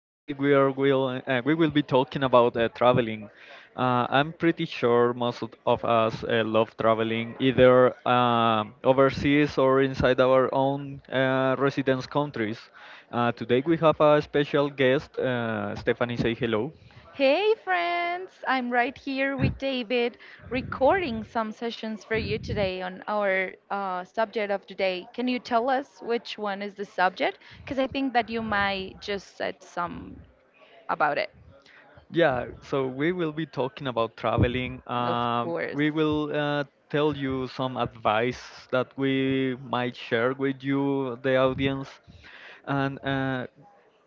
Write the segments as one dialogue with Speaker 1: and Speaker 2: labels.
Speaker 1: Today we will be talking about traveling. I'm pretty sure most of us love traveling, either overseas or inside our own residence countries. Today we have a special guest, Stephanie. Say hello.
Speaker 2: Hey friends, I'm right here with David recording some sessions for you today on our subject of today. Can you tell us which one is the subject? Because I think that you might just said some about it.
Speaker 1: Yeah, so we will be talking about traveling.
Speaker 2: Of course.
Speaker 1: We will tell you some advice that we might share with you, the audience. And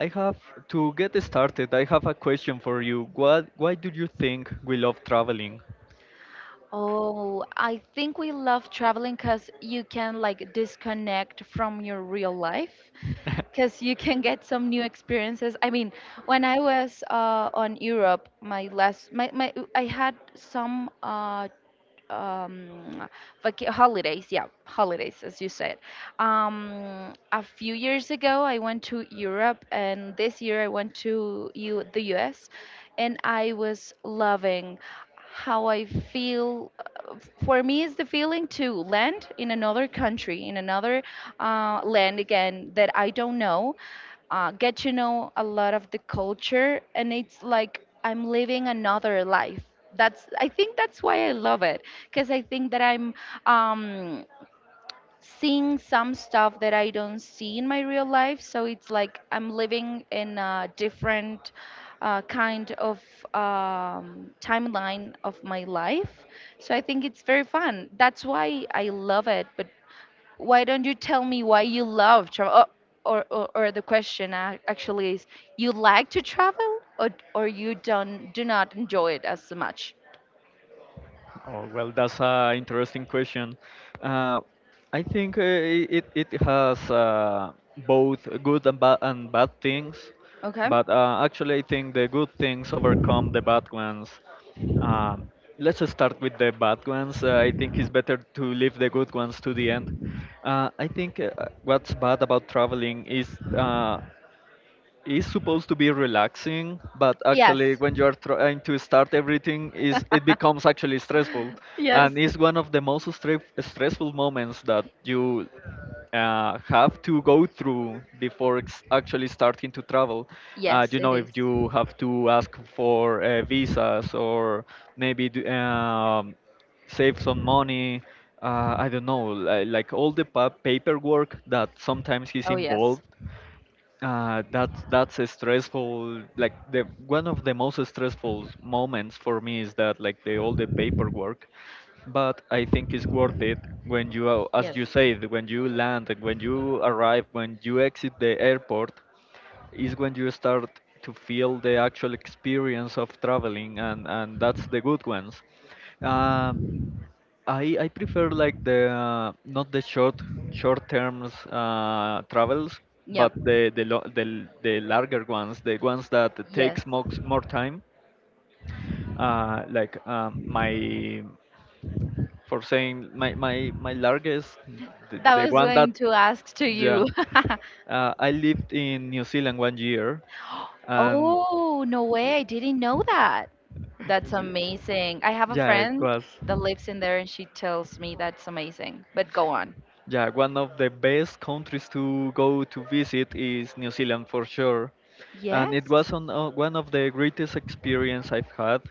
Speaker 1: I have to get started. I have a question for you. Why do you think we love traveling?
Speaker 2: Oh, I think we love traveling because you can like disconnect from your real life because you can get some new experiences. I mean, when I was on Europe, my I had some um, holidays. Yeah, holidays, as you said. A few years ago, I went to Europe, and this year I went to the US, and I was loving how I feel. For me, is the feeling to land in another country, in another land again that I don't know, get to know a lot of the culture, and it's like I'm living another life. That's, I think that's why I love it, because I think that I'm um seeing some stuff that I don't see in my real life, so it's like I'm living in a different uh, kind of timeline of my life. So I think it's very fun, that's why I love it. But why don't you tell me why you love travel? Oh, or the question actually is, you like to travel, or you don't, do not enjoy it as much?
Speaker 1: Oh, well, that's an interesting question. Uh, I think it has both good and bad things,
Speaker 2: Okay.
Speaker 1: but actually, I think the good things overcome the bad ones. Um, let's just start with the bad ones. I think it's better to leave the good ones to the end. I think What's bad about traveling is supposed to be relaxing, but
Speaker 2: Yes.
Speaker 1: actually when you are trying to start everything is it becomes actually stressful,
Speaker 2: Yes.
Speaker 1: and it's one of the most stressful moments that you have to go through before actually starting to travel.
Speaker 2: Yes,
Speaker 1: You
Speaker 2: it
Speaker 1: know,
Speaker 2: is.
Speaker 1: if you have to ask for visas or maybe save some money. I don't know, like all the paperwork that sometimes is
Speaker 2: Oh yes,
Speaker 1: involved, that's a stressful, like the one of the most stressful moments for me is that, like the all the paperwork. But I think it's worth it when as
Speaker 2: yes,
Speaker 1: you said, when you land and when you arrive, when you exit the airport is when you start to feel the actual experience of traveling, and that's the good ones. uh, I prefer, like the not the short terms travels,
Speaker 2: yeah,
Speaker 1: but the larger ones, the ones that
Speaker 2: yes.
Speaker 1: takes most more time. Like my, for saying my my largest,
Speaker 2: That
Speaker 1: the
Speaker 2: was
Speaker 1: one that
Speaker 2: going to ask to
Speaker 1: yeah,
Speaker 2: you.
Speaker 1: I lived in New Zealand 1 year. And
Speaker 2: Oh, no way, I didn't know that. That's
Speaker 1: y-
Speaker 2: amazing. I have a
Speaker 1: yeah, it
Speaker 2: friend
Speaker 1: was,
Speaker 2: that lives in there and she tells me that's amazing. But go on.
Speaker 1: yeah, one of the best countries to go to visit is New Zealand for sure. And it
Speaker 2: Yes,
Speaker 1: was on, one of the greatest experience I've had,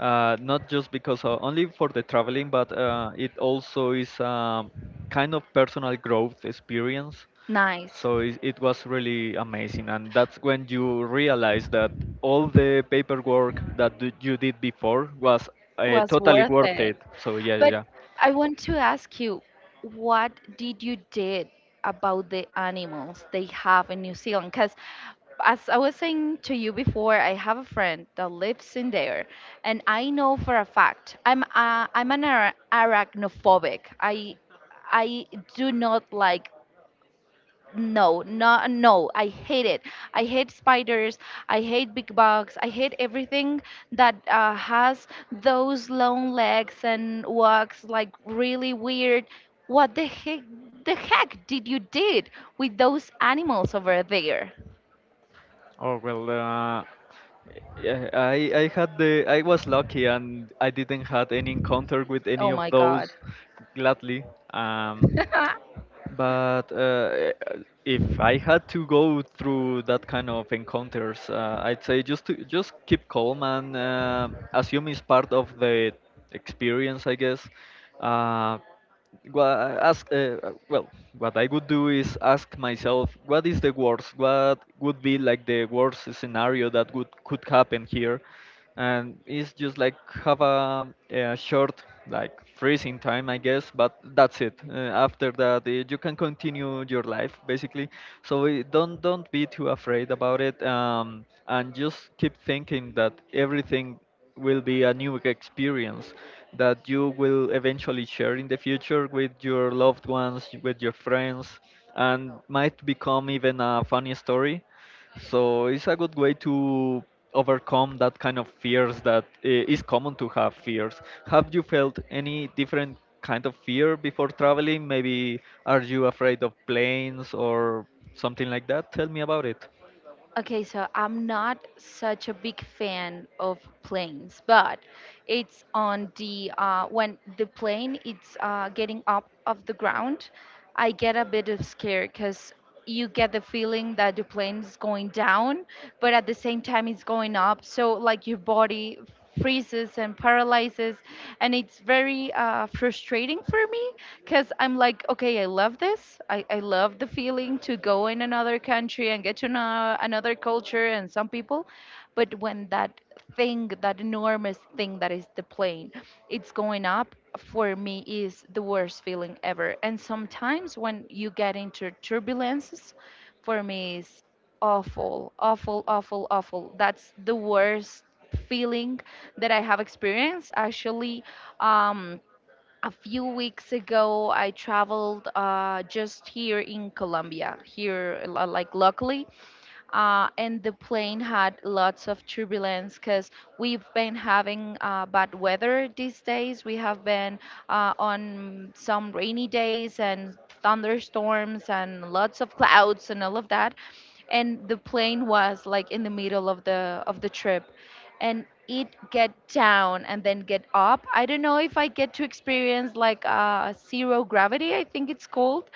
Speaker 1: not just because of, only for the traveling, but it also is kind of personal growth experience.
Speaker 2: nice.
Speaker 1: So it was really amazing, and that's when you realize that all the paperwork that you did before was
Speaker 2: Was
Speaker 1: totally
Speaker 2: worth
Speaker 1: worth it.
Speaker 2: it.
Speaker 1: So yeah, yeah,
Speaker 2: But
Speaker 1: yeah.
Speaker 2: I want to ask you, what did you did about the animals they have in New Zealand? Because as I was saying to you before, I have a friend that lives in there, and I know for a fact I'm an arachnophobic. I do not like, no, no, no. I hate it. I hate spiders. I hate big bugs. I hate everything that has those long legs and walks like really weird. What the heck? The heck did you did with those animals over there?
Speaker 1: Oh well. Yeah, I had the I was lucky and I didn't had any encounter with any
Speaker 2: Oh
Speaker 1: of
Speaker 2: my
Speaker 1: those,
Speaker 2: god.
Speaker 1: gladly. Um, but If I had to go through that kind of encounters, I'd say just to just keep calm and assume it's part of the experience, I guess. Uh, what I ask well what I would do is ask myself what is the worst, what would be like the worst scenario that would could happen here. And it's just like have a short, like freezing time, I guess, but that's it. After that, you can continue your life basically. So don't be too afraid about it, and just keep thinking that everything will be a new experience that you will eventually share in the future with your loved ones, with your friends, and might become even a funny story. So it's a good way to overcome that kind of fears, that is common to have fears. Have you felt any different kind of fear before traveling? Maybe are you afraid of planes or something like that? Tell me about it.
Speaker 2: Okay, so I'm not such a big fan of planes, but it's on the when the plane it's getting up of the ground, I get a bit of scare because you get the feeling that the plane is going down, but at the same time it's going up. So like your body freezes and paralyzes, and it's very frustrating for me because I'm like, okay, I love this. I love the feeling to go in another country and get to know another culture and some people, but when that thing, that enormous thing that is the plane, it's going up, for me is the worst feeling ever. And sometimes when you get into turbulences, for me is awful, awful, awful, awful. That's the worst feeling that I have experienced. Actually, um, a few weeks ago, I traveled just here in Colombia, here, like locally, and the plane had lots of turbulence because we've been having bad weather these days. We have been on some rainy days and thunderstorms and lots of clouds and all of that. And the plane was like in the middle of the trip, and it get down and then get up. I don't know if I get to experience like zero gravity, I think it's called.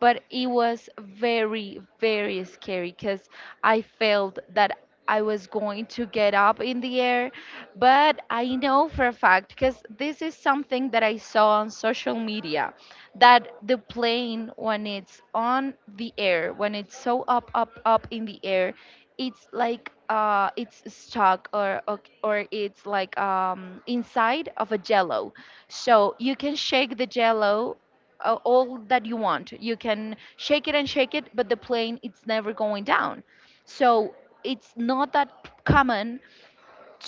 Speaker 2: But it was very very scary because I felt that I was going to get up in the air. But I know for a fact, because this is something that I saw on social media, that the plane when it's on the air, when it's so up up up in the air, it's like it's stuck, or it's like inside of a jello, so you can shake the jello all that you want. You can shake it and shake it, but the plane it's never going down. So it's not that common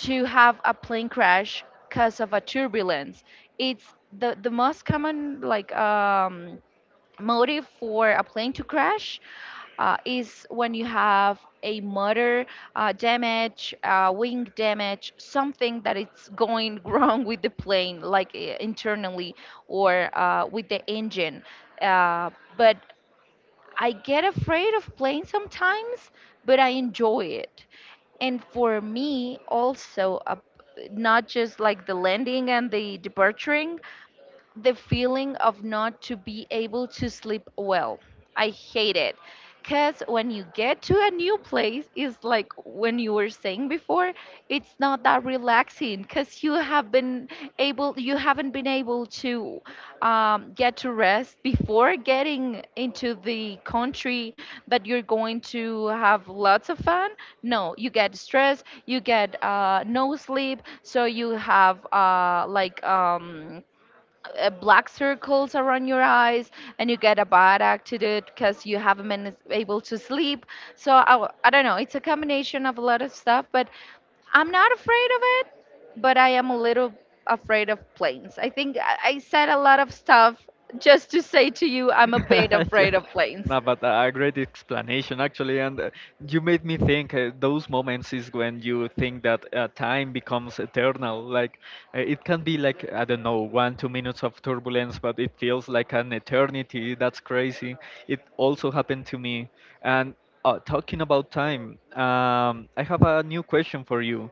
Speaker 2: to have a plane crash because of a turbulence. It's the most common like motive for a plane to crash is when you have a motor damage, wing damage, something that it's going wrong with the plane, like internally or with the engine. Uh, but I get afraid of planes sometimes, but I enjoy it. And for me, also, not just like the landing and the departure, the feeling of not to be able to sleep well. I hate it. Cause when you get to a new place, it's like when you were saying before, it's not that relaxing. Cause you have been able, you haven't been able to get to rest before getting into the country that you're going to have lots of fun. No, you get stressed, you get no sleep, so you have black circles around your eyes, and you get a bad attitude because you haven't been able to sleep. So I, I don't know. It's a combination of a lot of stuff, but I'm not afraid of it, but I am a little afraid of planes. I think I said a lot of stuff just to say to you, I'm a bit
Speaker 1: Yeah.
Speaker 2: afraid of planes.
Speaker 1: No, but a great explanation actually, and you made me think. Those moments is when you think that time becomes eternal. Like it can be like, I don't know, 1 2 minutes of turbulence, but it feels like an eternity. That's crazy. It also happened to me. And Talking about time, I have a new question for you.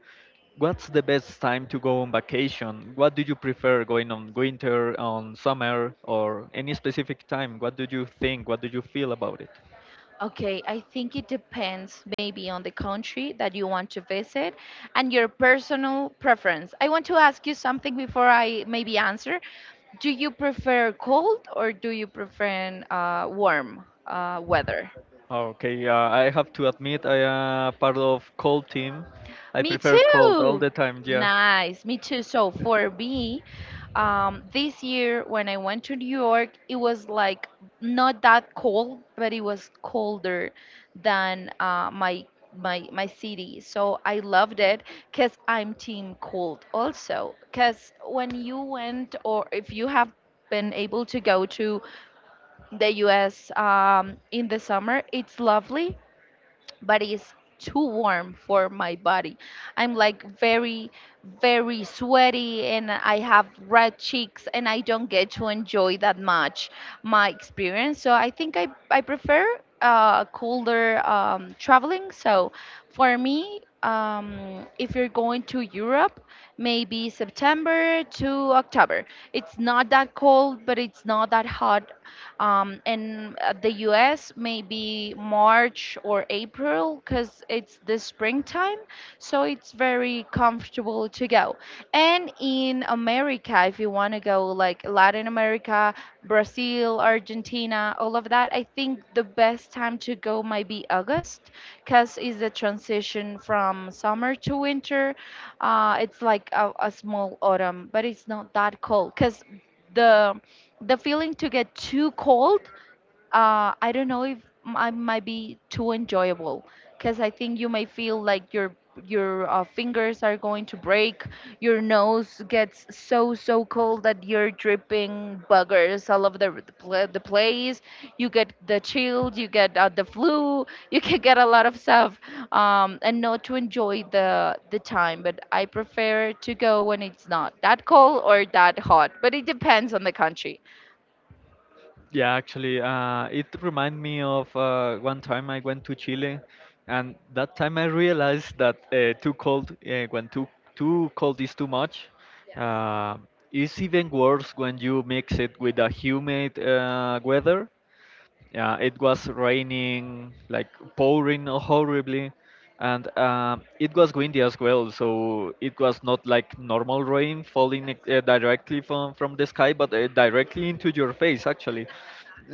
Speaker 1: What's the best time to go on vacation? What do you prefer, going on winter, on summer, or any specific time? What do you think? What do you feel about it?
Speaker 2: Okay, I think it depends maybe on the country that you want to visit and your personal preference. I want to ask you something before I maybe answer. Do you prefer cold or do you prefer warm weather?
Speaker 1: Okay, I have to admit I am part of cold team. I
Speaker 2: Me
Speaker 1: prefer cold all
Speaker 2: too.
Speaker 1: the time. Yeah.
Speaker 2: Nice. Me too. So for me, this year when I went to New York, it was like not that cold, but it was colder than my my city. So I loved it because I'm team cold also. Because when you went, or if you have been able to go to the U.S. In the summer, it's lovely but it's too warm for my body. I'm like very, very sweaty, and I have red cheeks and I don't get to enjoy that much my experience. So I think I prefer colder traveling. So for me, if you're going to Europe, maybe September to October. It's not that cold, but it's not that hot, in the US maybe March or April because it's the springtime, so it's very comfortable to go. And in America, if you want to go like Latin America, Brazil, Argentina, all of that, I think the best time to go might be August because it's the transition from summer to winter. It's like a small autumn, but it's not that cold because the the feeling to get too cold, I don't know if I might be too enjoyable because I think you may feel like your fingers are going to break, your nose gets so so cold that you're dripping buggers all over the place. You get the chills, you get the flu, you can get a lot of stuff, and not to enjoy the time. But I prefer to go when it's not that cold or that hot, but it depends on the country.
Speaker 1: Yeah, actually, it reminded me of one time I went to Chile, and that time I realized that too cold, when too cold is too much, uh, it's even worse when you mix it with a humid weather. Yeah, it was raining, like pouring horribly, and it was windy as well. So it was not like normal rain falling directly from the sky, but directly into your face actually.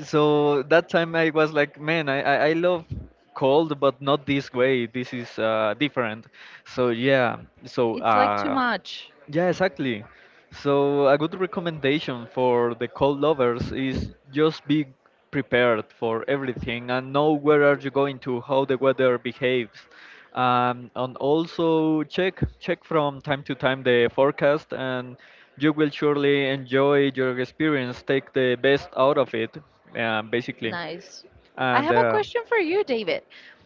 Speaker 1: So that time I was like, man, I love cold, but not this way. This is different. So yeah, so
Speaker 2: It's like too
Speaker 1: uh.
Speaker 2: much.
Speaker 1: Yeah, exactly. So a good recommendation for the cold lovers is just be prepared for everything and know where are you going to, how the weather behaves. And also check from time to time the forecast, and you will surely enjoy your experience. Take the best out of it, basically.
Speaker 2: Nice. I
Speaker 1: And
Speaker 2: have a question for you, David.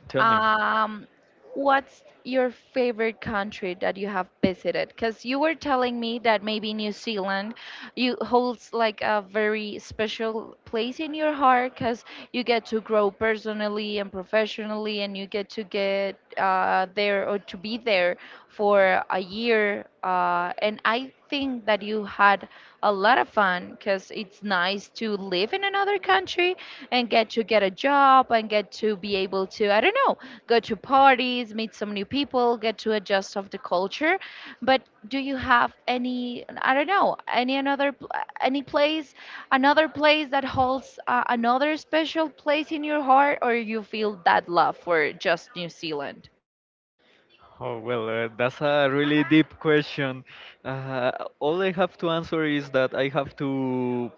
Speaker 1: Tell me.
Speaker 2: Um, what's your favorite country that you have visited? Because you were telling me that maybe New Zealand you holds like a very special place in your heart because you get to grow personally and professionally, and you get to get there or to be there for a year. And I think that you had a lot of fun because it's nice to live in another country and get to get a job and get to be able to, I don't know, go to parties, meet some new people, get to adjust of the culture. But do you have any, I don't know, any another pl- any place another place that holds another special place in your heart, or you feel that love for just New Zealand?
Speaker 1: Oh, well, that's a really deep question. Uh, all I have to answer is that I have to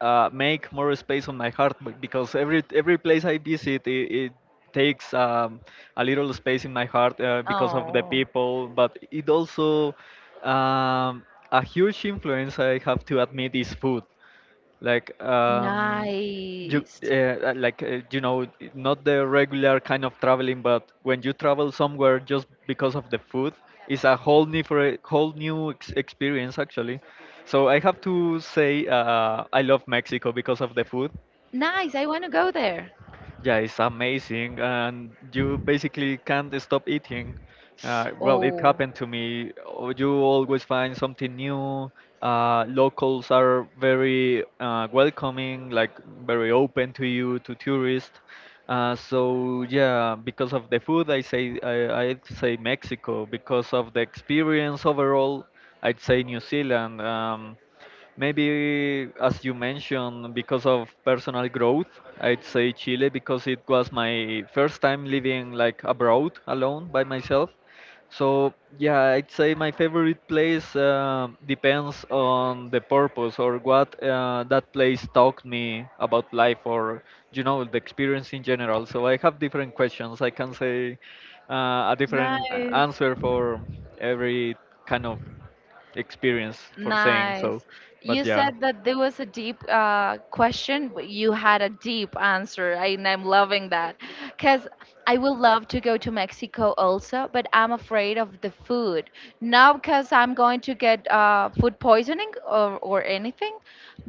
Speaker 1: make more space on my heart because every place I visit, it takes a little space in my heart because of the
Speaker 2: Oh,
Speaker 1: people, but it also um, a huge influence I have to admit is food. Like,
Speaker 2: nice.
Speaker 1: you know, not the regular kind of traveling, but when you travel somewhere just because of the food, it's a whole new, experience actually. So I have to say, I love Mexico because of the food.
Speaker 2: Nice, I want to go there.
Speaker 1: Yeah, it's amazing, and you basically can't stop eating. Well, it
Speaker 2: Oh,
Speaker 1: happened to me. Oh, you always find something new. Locals are very welcoming, like very open to you, to tourists. So yeah, because of the food, I'd say Mexico. Because of the experience overall, I'd say New Zealand. Maybe, as you mentioned, because of personal growth, I'd say Chile, because it was my first time living like abroad alone by myself. So yeah, I'd say my favorite place depends on the purpose or what that place taught me about life, or you know, the experience in general. So I have different questions. I can say a different
Speaker 2: nice.
Speaker 1: answer for every kind of experience, for saying so.
Speaker 2: Nice. You
Speaker 1: But yeah,
Speaker 2: said that there was a deep question, but you had a deep answer, and I'm loving that. Because I would love to go to Mexico also, but I'm afraid of the food. Not because I'm going to get food poisoning, or anything,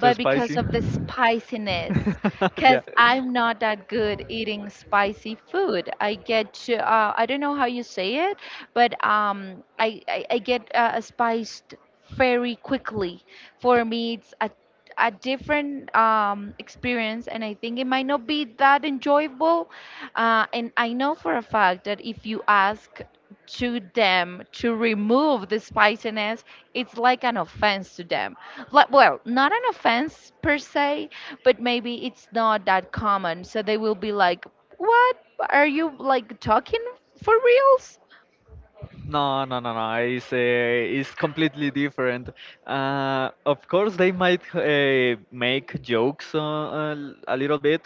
Speaker 1: too
Speaker 2: because
Speaker 1: spicy.
Speaker 2: of the spiciness. Because
Speaker 1: Yeah.
Speaker 2: I'm not that good eating spicy food. I get to, I don't know how you say it, but I get spiced very quickly. For me, it's a different experience, and I think it might not be that enjoyable. And I know for a fact that if you ask to them to remove the spiciness, it's like an offense to them. Like, well, not an offense per se, but maybe it's not that common. So they will be like, "What? Are you like talking for reals?"
Speaker 1: No, no, no, no. It's completely different. Of course, they might make jokes a little bit,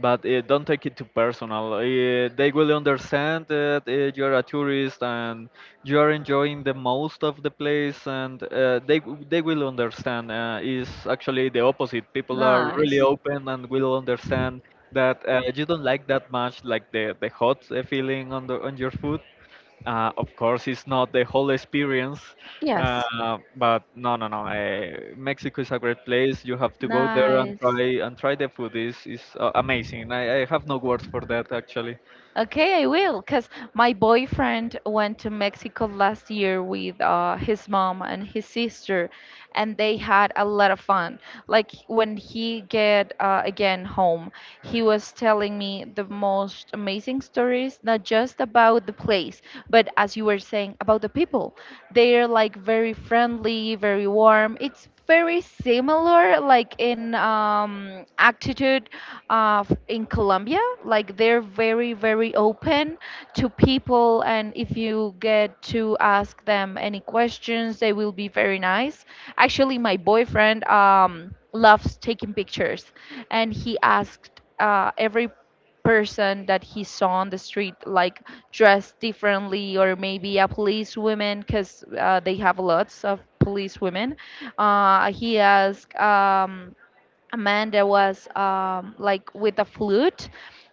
Speaker 1: but don't take it too personal. They will understand that you're a tourist and you're enjoying the most of the place, and they will understand. It's actually the opposite. People are really
Speaker 2: Nice.
Speaker 1: open and will understand that you don't like that much, like the hot feeling on the on your food. Of course, it's not the whole experience,
Speaker 2: Yes.
Speaker 1: but no, no, no. Mexico is a great place. You have to go there
Speaker 2: Nice.
Speaker 1: and try the food. Is amazing. I have no words for that actually.
Speaker 2: Okay, I will, because my boyfriend went to Mexico last year with his mom and his sister, and they had a lot of fun. Like when he get again home, he was telling me the most amazing stories, not just about the place, but as you were saying about the people. They're like very friendly, very warm. It's very similar like in attitude in Colombia, like they're very, very open to people, and if you get to ask them any questions, they will be very nice. Actually, my boyfriend loves taking pictures, and he asked every person that he saw on the street, like dressed differently, or maybe a police woman because they have lots of police women. He asked a man that was like with a flute.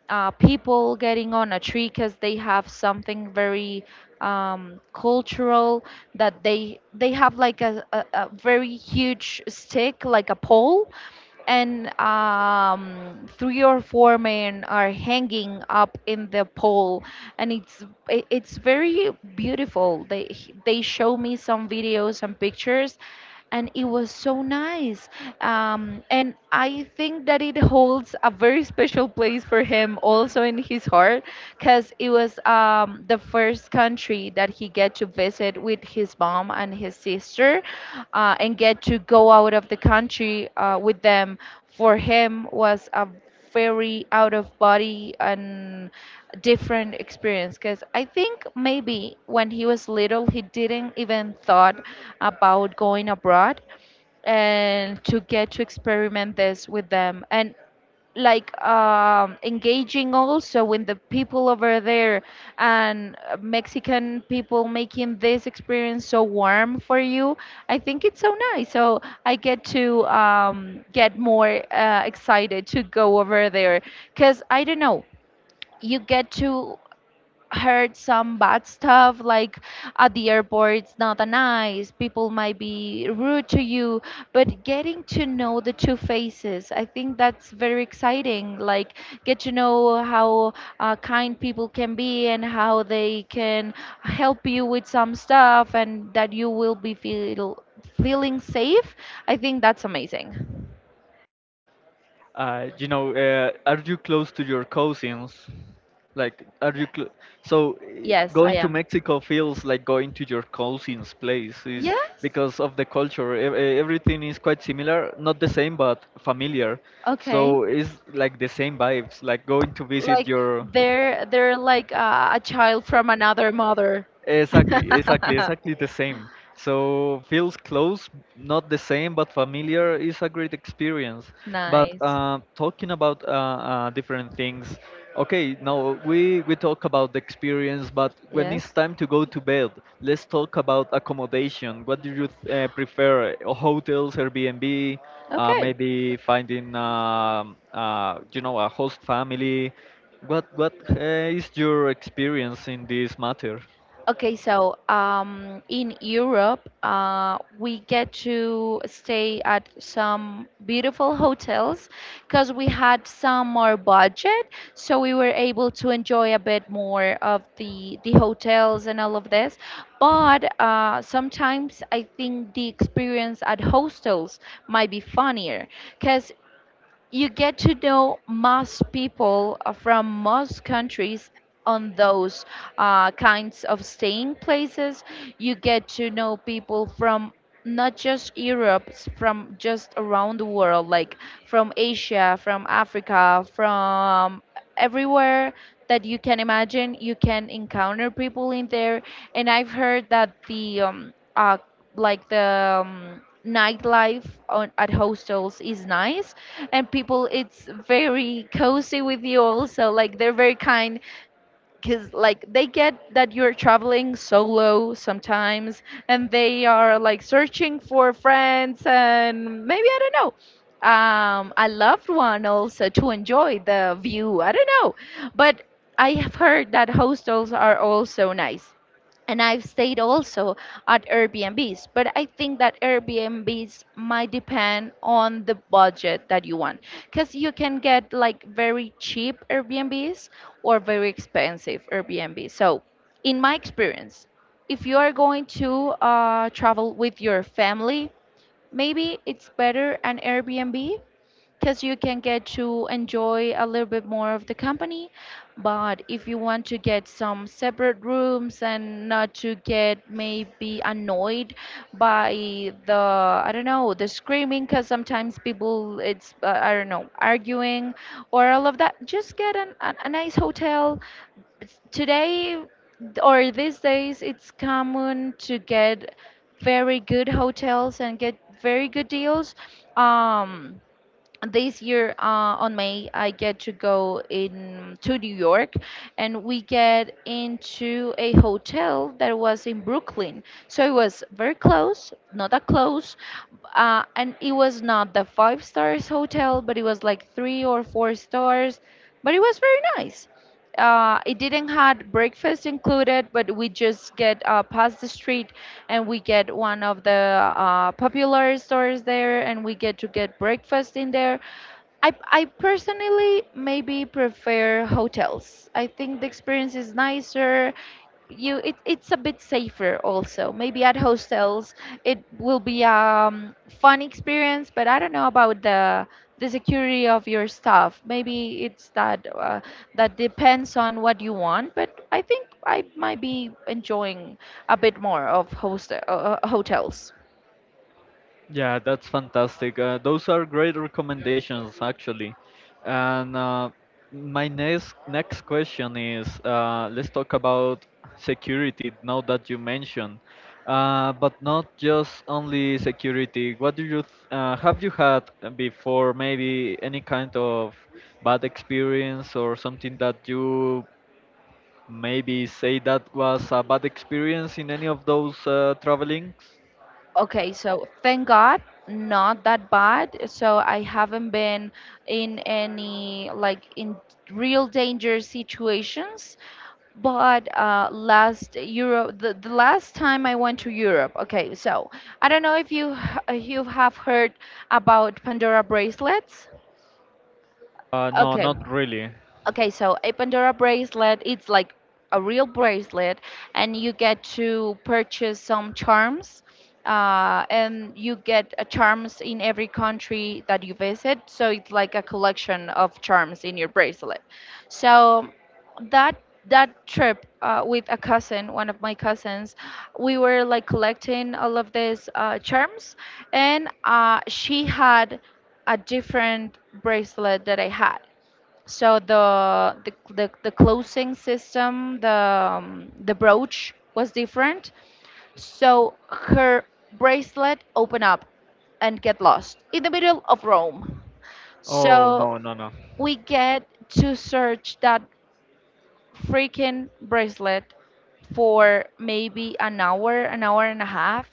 Speaker 2: People getting on a tree because they have something very cultural that they have like a very huge stick like a pole, and three or four men are hanging up in the pole, and it's very beautiful. They show me some videos and pictures, and it was so nice. And I think that it holds a very special place for him also in his heart because it was the first country that he get to visit with his mom and his sister, and get to go out of the country with them. For him was a very out of body and different experience because I think maybe when he was little, he didn't even thought about going abroad, and to get to experiment this with them, and like engaging also with the people over there, and Mexican people making this experience so warm for you. I think it's so nice. So I get to get more excited to go over there because I don't know. You get to heard some bad stuff, like at the airport it's not a nice, people might be rude to you, but getting to know the two faces, I think that's very exciting. Like, get to know how kind people can be and how they can help you with some stuff, and that you will be feel feeling safe. I think that's amazing.
Speaker 1: You know, are you close to your cousins? Like, are you cl so
Speaker 2: Yes, I
Speaker 1: going to
Speaker 2: am.
Speaker 1: Mexico feels like going to your cousin's place is
Speaker 2: Yes.
Speaker 1: because of the culture. Everything is quite similar, not the same, but familiar. So
Speaker 2: Okay.
Speaker 1: it's like the same vibes, like going to visit
Speaker 2: Like,
Speaker 1: your.
Speaker 2: they're like a child from another mother.
Speaker 1: Exactly, exactly, exactly the same. So feels close, not the same, but familiar is a great experience. But
Speaker 2: Nice.
Speaker 1: talking about different things, okay, now we talk about the experience, but when
Speaker 2: Yes.
Speaker 1: it's time to go to bed, let's talk about accommodation. What do you prefer? Hotels, Airbnb,
Speaker 2: Okay.
Speaker 1: maybe finding you know, a host family. What is your experience in this matter?
Speaker 2: Okay, so in Europe, we get to stay at some beautiful hotels because we had some more budget, so we were able to enjoy a bit more of the hotels and all of this. But sometimes I think the experience at hostels might be funnier because you get to know most people from most countries on those kinds of staying places. You get to know people from not just Europe, from just around the world, like from Asia, from Africa, from everywhere that you can imagine. You can encounter people in there. And I've heard that the nightlife at hostels is nice, and people, it's very cozy with you also. Like, they're very kind because, like, they get that you're traveling solo sometimes, and they are like searching for friends and maybe, I don't know. A loved one also to enjoy the view. I don't know, but I have heard that hostels are also nice, and I've stayed also at Airbnbs, but I think that Airbnbs might depend on the budget that you want because you can get like very cheap Airbnbs or very expensive Airbnbs. So, in my experience, if you are going to travel with your family, maybe it's better an Airbnb because you can get to enjoy a little bit more of the company. But if you want to get some separate rooms and not to get maybe annoyed by the, I don't know, the screaming, because sometimes people, it's, I don't know, arguing or all of that, just get a nice hotel. Today or these days, it's common to get very good hotels and get very good deals. Um, this year on May, I get to go in to New York, and we get into a hotel that was in Brooklyn. So it was very close, not that close, and it was not the five stars hotel, but it was like three or four stars. But it was very nice. It didn't had breakfast included, but we just get past the street, and we get one of the popular stores there, and we get to get breakfast in there. I personally maybe prefer hotels. I think the experience is nicer. It's a bit safer also. Maybe at hostels it will be fun experience, but I don't know about the security of your stuff. Maybe it's that depends on what you want, but I think I might be enjoying a bit more of host hotels.
Speaker 1: Yeah, that's fantastic. Those are great recommendations, actually. And My next question is, let's talk about security. Now that you mentioned, but not just only security. What do you have you had before? Maybe any kind of bad experience or something that you, maybe say that was a bad experience in any of those travelings?
Speaker 2: Okay, so thank God, not that bad. So I haven't been in any, like, in real danger situations. But last Europe, the last time I went to Europe. Okay, so I don't know if you have heard about Pandora bracelets.
Speaker 1: No,
Speaker 2: Okay.
Speaker 1: not really.
Speaker 2: Okay, so a Pandora bracelet, it's like a real bracelet, and you get to purchase some charms. And you get charms in every country that you visit, so it's like a collection of charms in your bracelet. So that that trip with a cousin, one of my cousins, we were like collecting all of these charms, and she had a different bracelet that I had. So the closing system, the brooch was different. So her bracelet opened up and get lost in the middle of Rome.
Speaker 1: Oh
Speaker 2: So
Speaker 1: no, no, no.
Speaker 2: we get to search that freaking bracelet for maybe an hour and a half,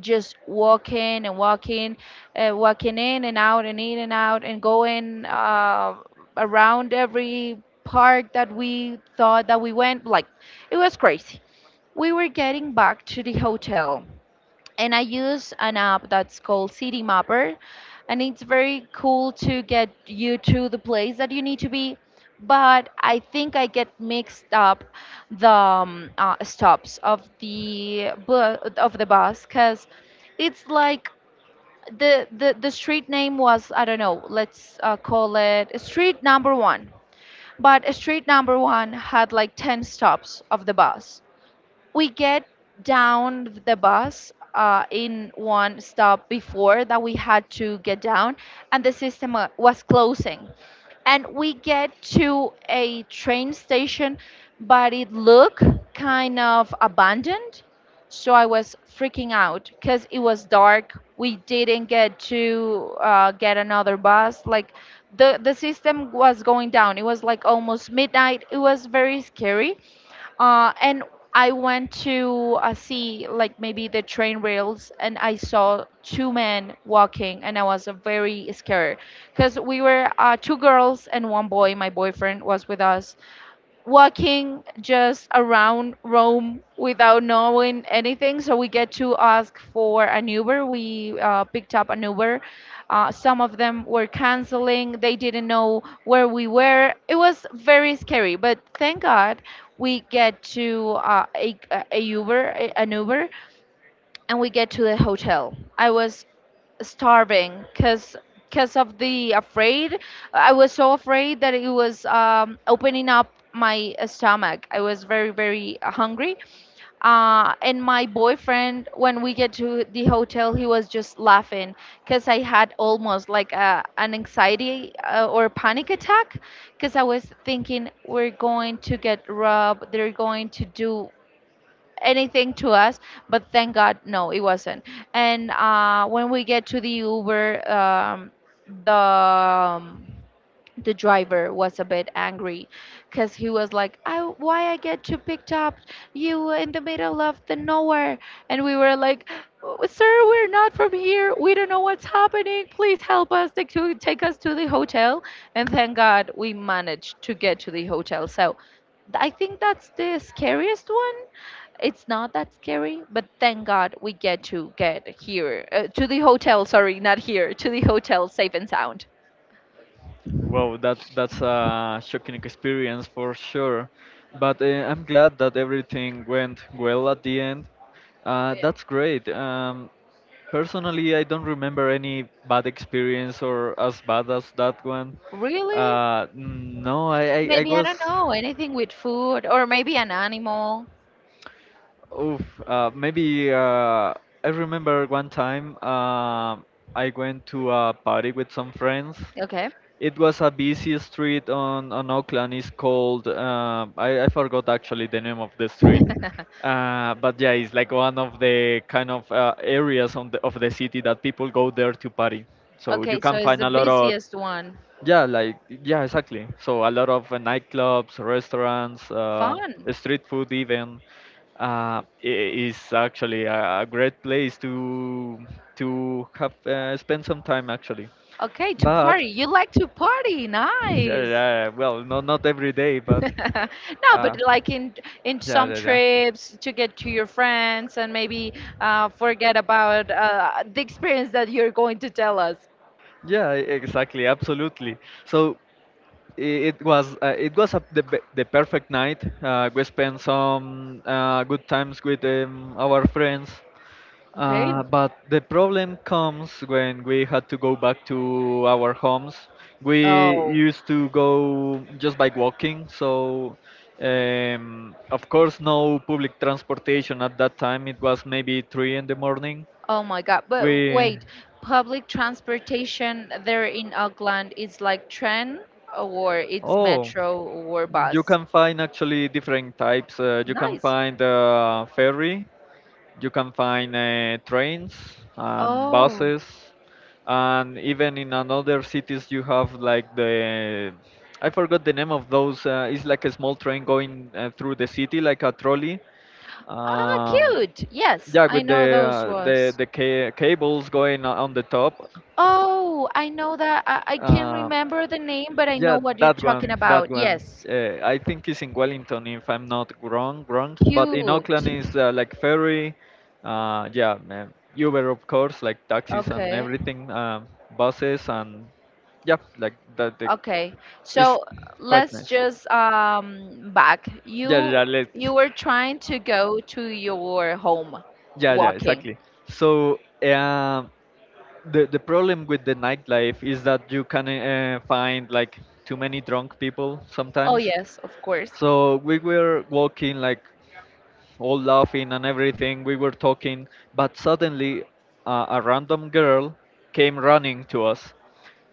Speaker 2: just walking and walking, walking in and out and in and out and going around every park that we thought that we went. Like, it was crazy. We were getting back to the hotel, and I use an app that's called City Mapper, and it's very cool to get you to the place that you need to be. But I think I get mixed up the stops of the bus because it's like the street name was, I don't know, let's call it street number one, but street number one had like ten stops of the bus. We get down the bus in one stop before that we had to get down, and the system was closing, and we get to a train station, but it looked kind of abandoned. So I was freaking out because it was dark, we didn't get to get another bus, like, the system was going down, it was like almost midnight, it was very scary. And I went to see, like, maybe the train rails, and I saw two men walking, and I was very scared because we were two girls and one boy. My boyfriend was with us, walking just around Rome without knowing anything. So we get to ask for an Uber. We picked up an Uber. Some of them were canceling. They didn't know where we were. It was very scary. But thank God we get to an Uber, and we get to the hotel. I was starving because of the afraid. I was so afraid that it was opening up my stomach. I was very, very hungry. And my boyfriend, when we get to the hotel, he was just laughing because I had almost like an anxiety or panic attack because I was thinking we're going to get robbed, they're going to do anything to us, but thank God, no, it wasn't. And when we get to the Uber, the um, the driver was a bit angry because he was like, "Why I get you picked up you in the middle of the nowhere?" And we were like, "Oh, sir, we're not from here, we don't know what's happening, please help us take us to the hotel, and thank God we managed to get to the hotel." So I think that's the scariest one. It's not that scary, but thank God, we get to get here to the hotel, sorry, not here, to the hotel safe and sound.
Speaker 1: Well, that that's a shocking experience for sure. But I'm glad that everything went well at the end. That's great. Personally, I don't remember any bad experience or as bad as that one.
Speaker 2: Really?
Speaker 1: No, I
Speaker 2: Maybe, I
Speaker 1: was.
Speaker 2: don't know, anything with food or maybe an animal.
Speaker 1: Oof, maybe I remember one time I went to a party with some friends.
Speaker 2: Okay.
Speaker 1: It was a busy street on Auckland. It's called, I forgot actually the name of the street. But yeah, it's like one of the kind of areas on of the city that people go there to party. So you
Speaker 2: Okay, so
Speaker 1: can
Speaker 2: it's
Speaker 1: find
Speaker 2: the
Speaker 1: a lot of
Speaker 2: busiest one.
Speaker 1: exactly. So a lot of nightclubs, restaurants,
Speaker 2: Fun.
Speaker 1: street food even. Is actually a great place to have spend some time actually.
Speaker 2: Okay, to
Speaker 1: But
Speaker 2: party. You like to party.
Speaker 1: yeah,
Speaker 2: Nice.
Speaker 1: yeah, well, not every day, but
Speaker 2: No,
Speaker 1: uh,
Speaker 2: but, like, in
Speaker 1: yeah,
Speaker 2: some
Speaker 1: yeah, yeah.
Speaker 2: trips to get to your friends and maybe forget about the experience that you're going to tell us.
Speaker 1: Exactly, absolutely. So it was the perfect night. We spent some good times with our friends.
Speaker 2: Okay.
Speaker 1: But the problem comes when we had to go back to our homes. We
Speaker 2: Oh.
Speaker 1: used to go just by walking, so of course, no public transportation at that time. It was maybe three in the morning.
Speaker 2: Oh my God. But
Speaker 1: We,
Speaker 2: wait, public transportation there in Auckland is like train or it's
Speaker 1: oh,
Speaker 2: metro or
Speaker 1: you
Speaker 2: bus.
Speaker 1: can find actually different types. You can
Speaker 2: Nice.
Speaker 1: find a ferry. You can find trains and
Speaker 2: Oh.
Speaker 1: buses, and even in another cities you have like the. I forgot the name of those. It's like a small train going through the city, like a trolley.
Speaker 2: Ah,
Speaker 1: Um,
Speaker 2: cute. Yes,
Speaker 1: yeah,
Speaker 2: I
Speaker 1: with the
Speaker 2: know those was.
Speaker 1: cables going on the top.
Speaker 2: Oh, I know that. I can't
Speaker 1: Uh,
Speaker 2: remember the name, but I know
Speaker 1: Yeah,
Speaker 2: what you're
Speaker 1: that
Speaker 2: talking
Speaker 1: one, that
Speaker 2: about.
Speaker 1: one.
Speaker 2: Yes.
Speaker 1: I think it's in Wellington, if I'm not wrong. But in
Speaker 2: Cute.
Speaker 1: Auckland is like ferry, yeah, Uber of course, like taxis and
Speaker 2: Okay.
Speaker 1: everything, buses and yeah, like that.
Speaker 2: Okay,
Speaker 1: It's
Speaker 2: so
Speaker 1: quite
Speaker 2: let's
Speaker 1: nice.
Speaker 2: just back.
Speaker 1: Yeah,
Speaker 2: You
Speaker 1: yeah, let's.
Speaker 2: you were trying to go to your home
Speaker 1: Yeah, yeah,
Speaker 2: walking.
Speaker 1: exactly. So the problem with the nightlife is that you can find like too many drunk people
Speaker 2: Oh,
Speaker 1: sometimes.
Speaker 2: yes, of course.
Speaker 1: So we were walking like all laughing and everything. We were talking, but suddenly a random girl came running to us,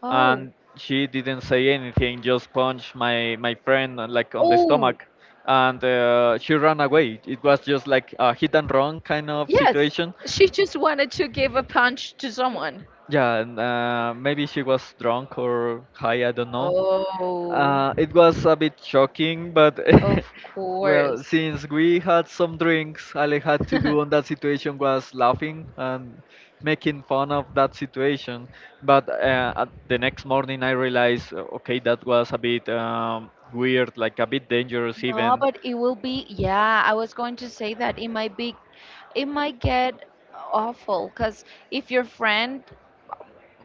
Speaker 2: Oh.
Speaker 1: and she didn't say anything, just punched my friend like on the
Speaker 2: Oh,
Speaker 1: stomach, and she ran away. It was just like a hit and run kind of
Speaker 2: yes.
Speaker 1: situation.
Speaker 2: She just wanted to give a punch to someone.
Speaker 1: Yeah, and, maybe she was drunk or high, I don't know.
Speaker 2: Oh,
Speaker 1: It was a bit shocking, but
Speaker 2: of
Speaker 1: well,
Speaker 2: course.
Speaker 1: since we had some drinks, all I had to do on that situation was laughing and making fun of that situation. But at the next morning, I realized, okay, that was a bit weird, like a bit dangerous
Speaker 2: No,
Speaker 1: even.
Speaker 2: but it will be, yeah, I was going to say that it might be, it might get awful because if your friend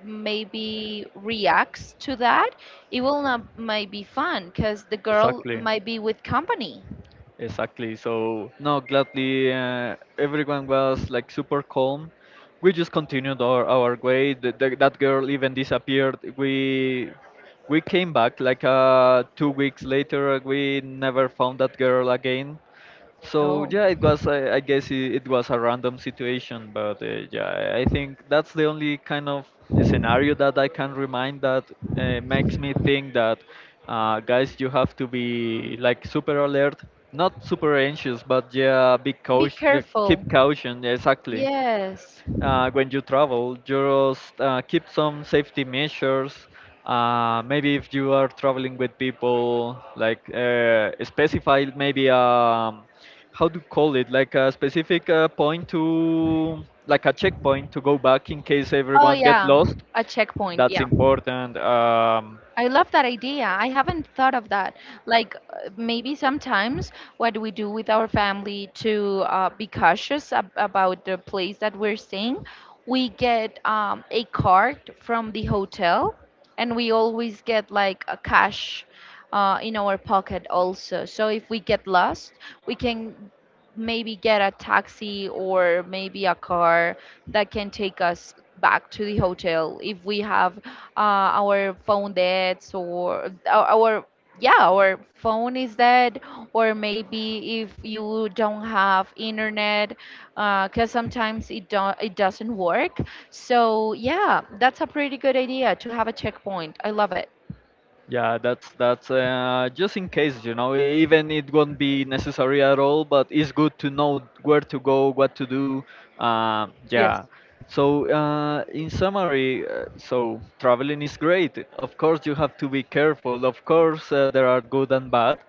Speaker 2: maybe reacts to that, it will not might be fun because the girl
Speaker 1: Exactly.
Speaker 2: might be with company.
Speaker 1: Exactly. So no, gladly, everyone was like super calm. We just continued our way. That girl even disappeared. We came back like two weeks later. We never found that girl again. So
Speaker 2: Oh.
Speaker 1: yeah, it was. I guess it was a random situation, but yeah, I think that's the only kind of scenario that I can remind that makes me think that guys, you have to be like super alert, not super anxious, but yeah,
Speaker 2: Be
Speaker 1: yeah,
Speaker 2: careful.
Speaker 1: keep caution. Yeah, exactly
Speaker 2: Yes.
Speaker 1: when you travel, just keep some safety measures. Maybe if you are traveling with people, like specify maybe how to call it, like a specific point to, like a checkpoint to go back in case
Speaker 2: Oh,
Speaker 1: everyone get
Speaker 2: yeah,
Speaker 1: lost.
Speaker 2: a checkpoint.
Speaker 1: That's
Speaker 2: Yeah.
Speaker 1: important.
Speaker 2: I love that idea. I haven't thought of that. Like, maybe sometimes what we do with our family to be cautious about the place that we're staying, we get a card from the hotel, and we always get like a cash in our pocket also. So if we get lost, we can maybe get a taxi or maybe a car that can take us back to the hotel if we have our phone dead, or our, yeah, our phone is dead, or maybe if you don't have internet because sometimes it doesn't work. So, yeah, that's a pretty good idea to have a checkpoint. I love it.
Speaker 1: Yeah, that's just in case, you know, even it won't be necessary at all, but it's good to know where to go, what to do. Yeah.
Speaker 2: Yes.
Speaker 1: So in summary, so traveling is great. Of course, you have to be careful. Of course, there are good and bad,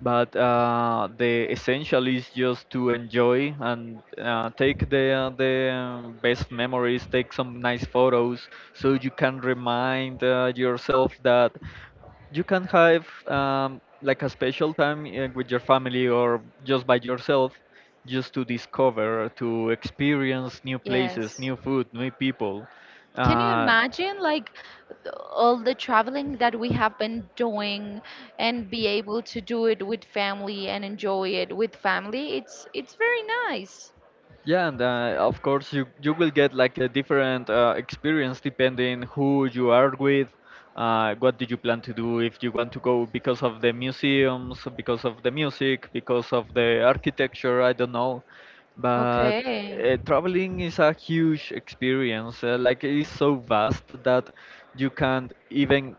Speaker 1: but the essential is just to enjoy and take the best memories, take some nice photos, so you can remind yourself that you can have like a special time with your family or just by yourself just to discover to experience new places,
Speaker 2: Yes.
Speaker 1: new food, new people.
Speaker 2: Can you
Speaker 1: uh,
Speaker 2: imagine, like, all the traveling that we have been doing and be able to do it with family and enjoy it with family? It's very nice.
Speaker 1: Yeah, and of course you will get like a different experience depending who you are with, what do you plan to do if you want to go because of the museums, because of the music, because of the architecture, I don't know, but
Speaker 2: Okay.
Speaker 1: traveling is a huge experience. Like it is so vast that you can't even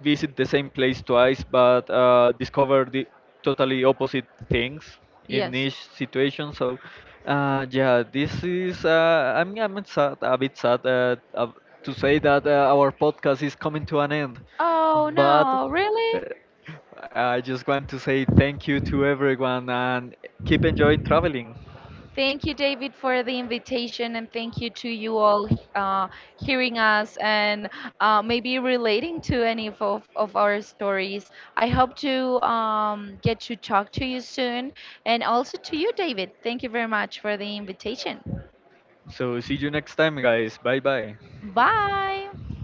Speaker 1: visit the same place twice, but discover the totally opposite things in
Speaker 2: Yes.
Speaker 1: each situation. So yeah, this is I'm sad, a bit sad to say that our podcast is coming to an end,
Speaker 2: Oh
Speaker 1: but
Speaker 2: no,
Speaker 1: uh,
Speaker 2: really?
Speaker 1: I just want to say thank you to everyone and keep enjoying traveling.
Speaker 2: Thank you, David, for the invitation, and thank you to you all uh, hearing us, and maybe relating to any of our stories. I hope to get to talk to you soon, and also to you, David. Thank you very much for the invitation.
Speaker 1: So see you next time, guys. Bye bye.
Speaker 2: Bye.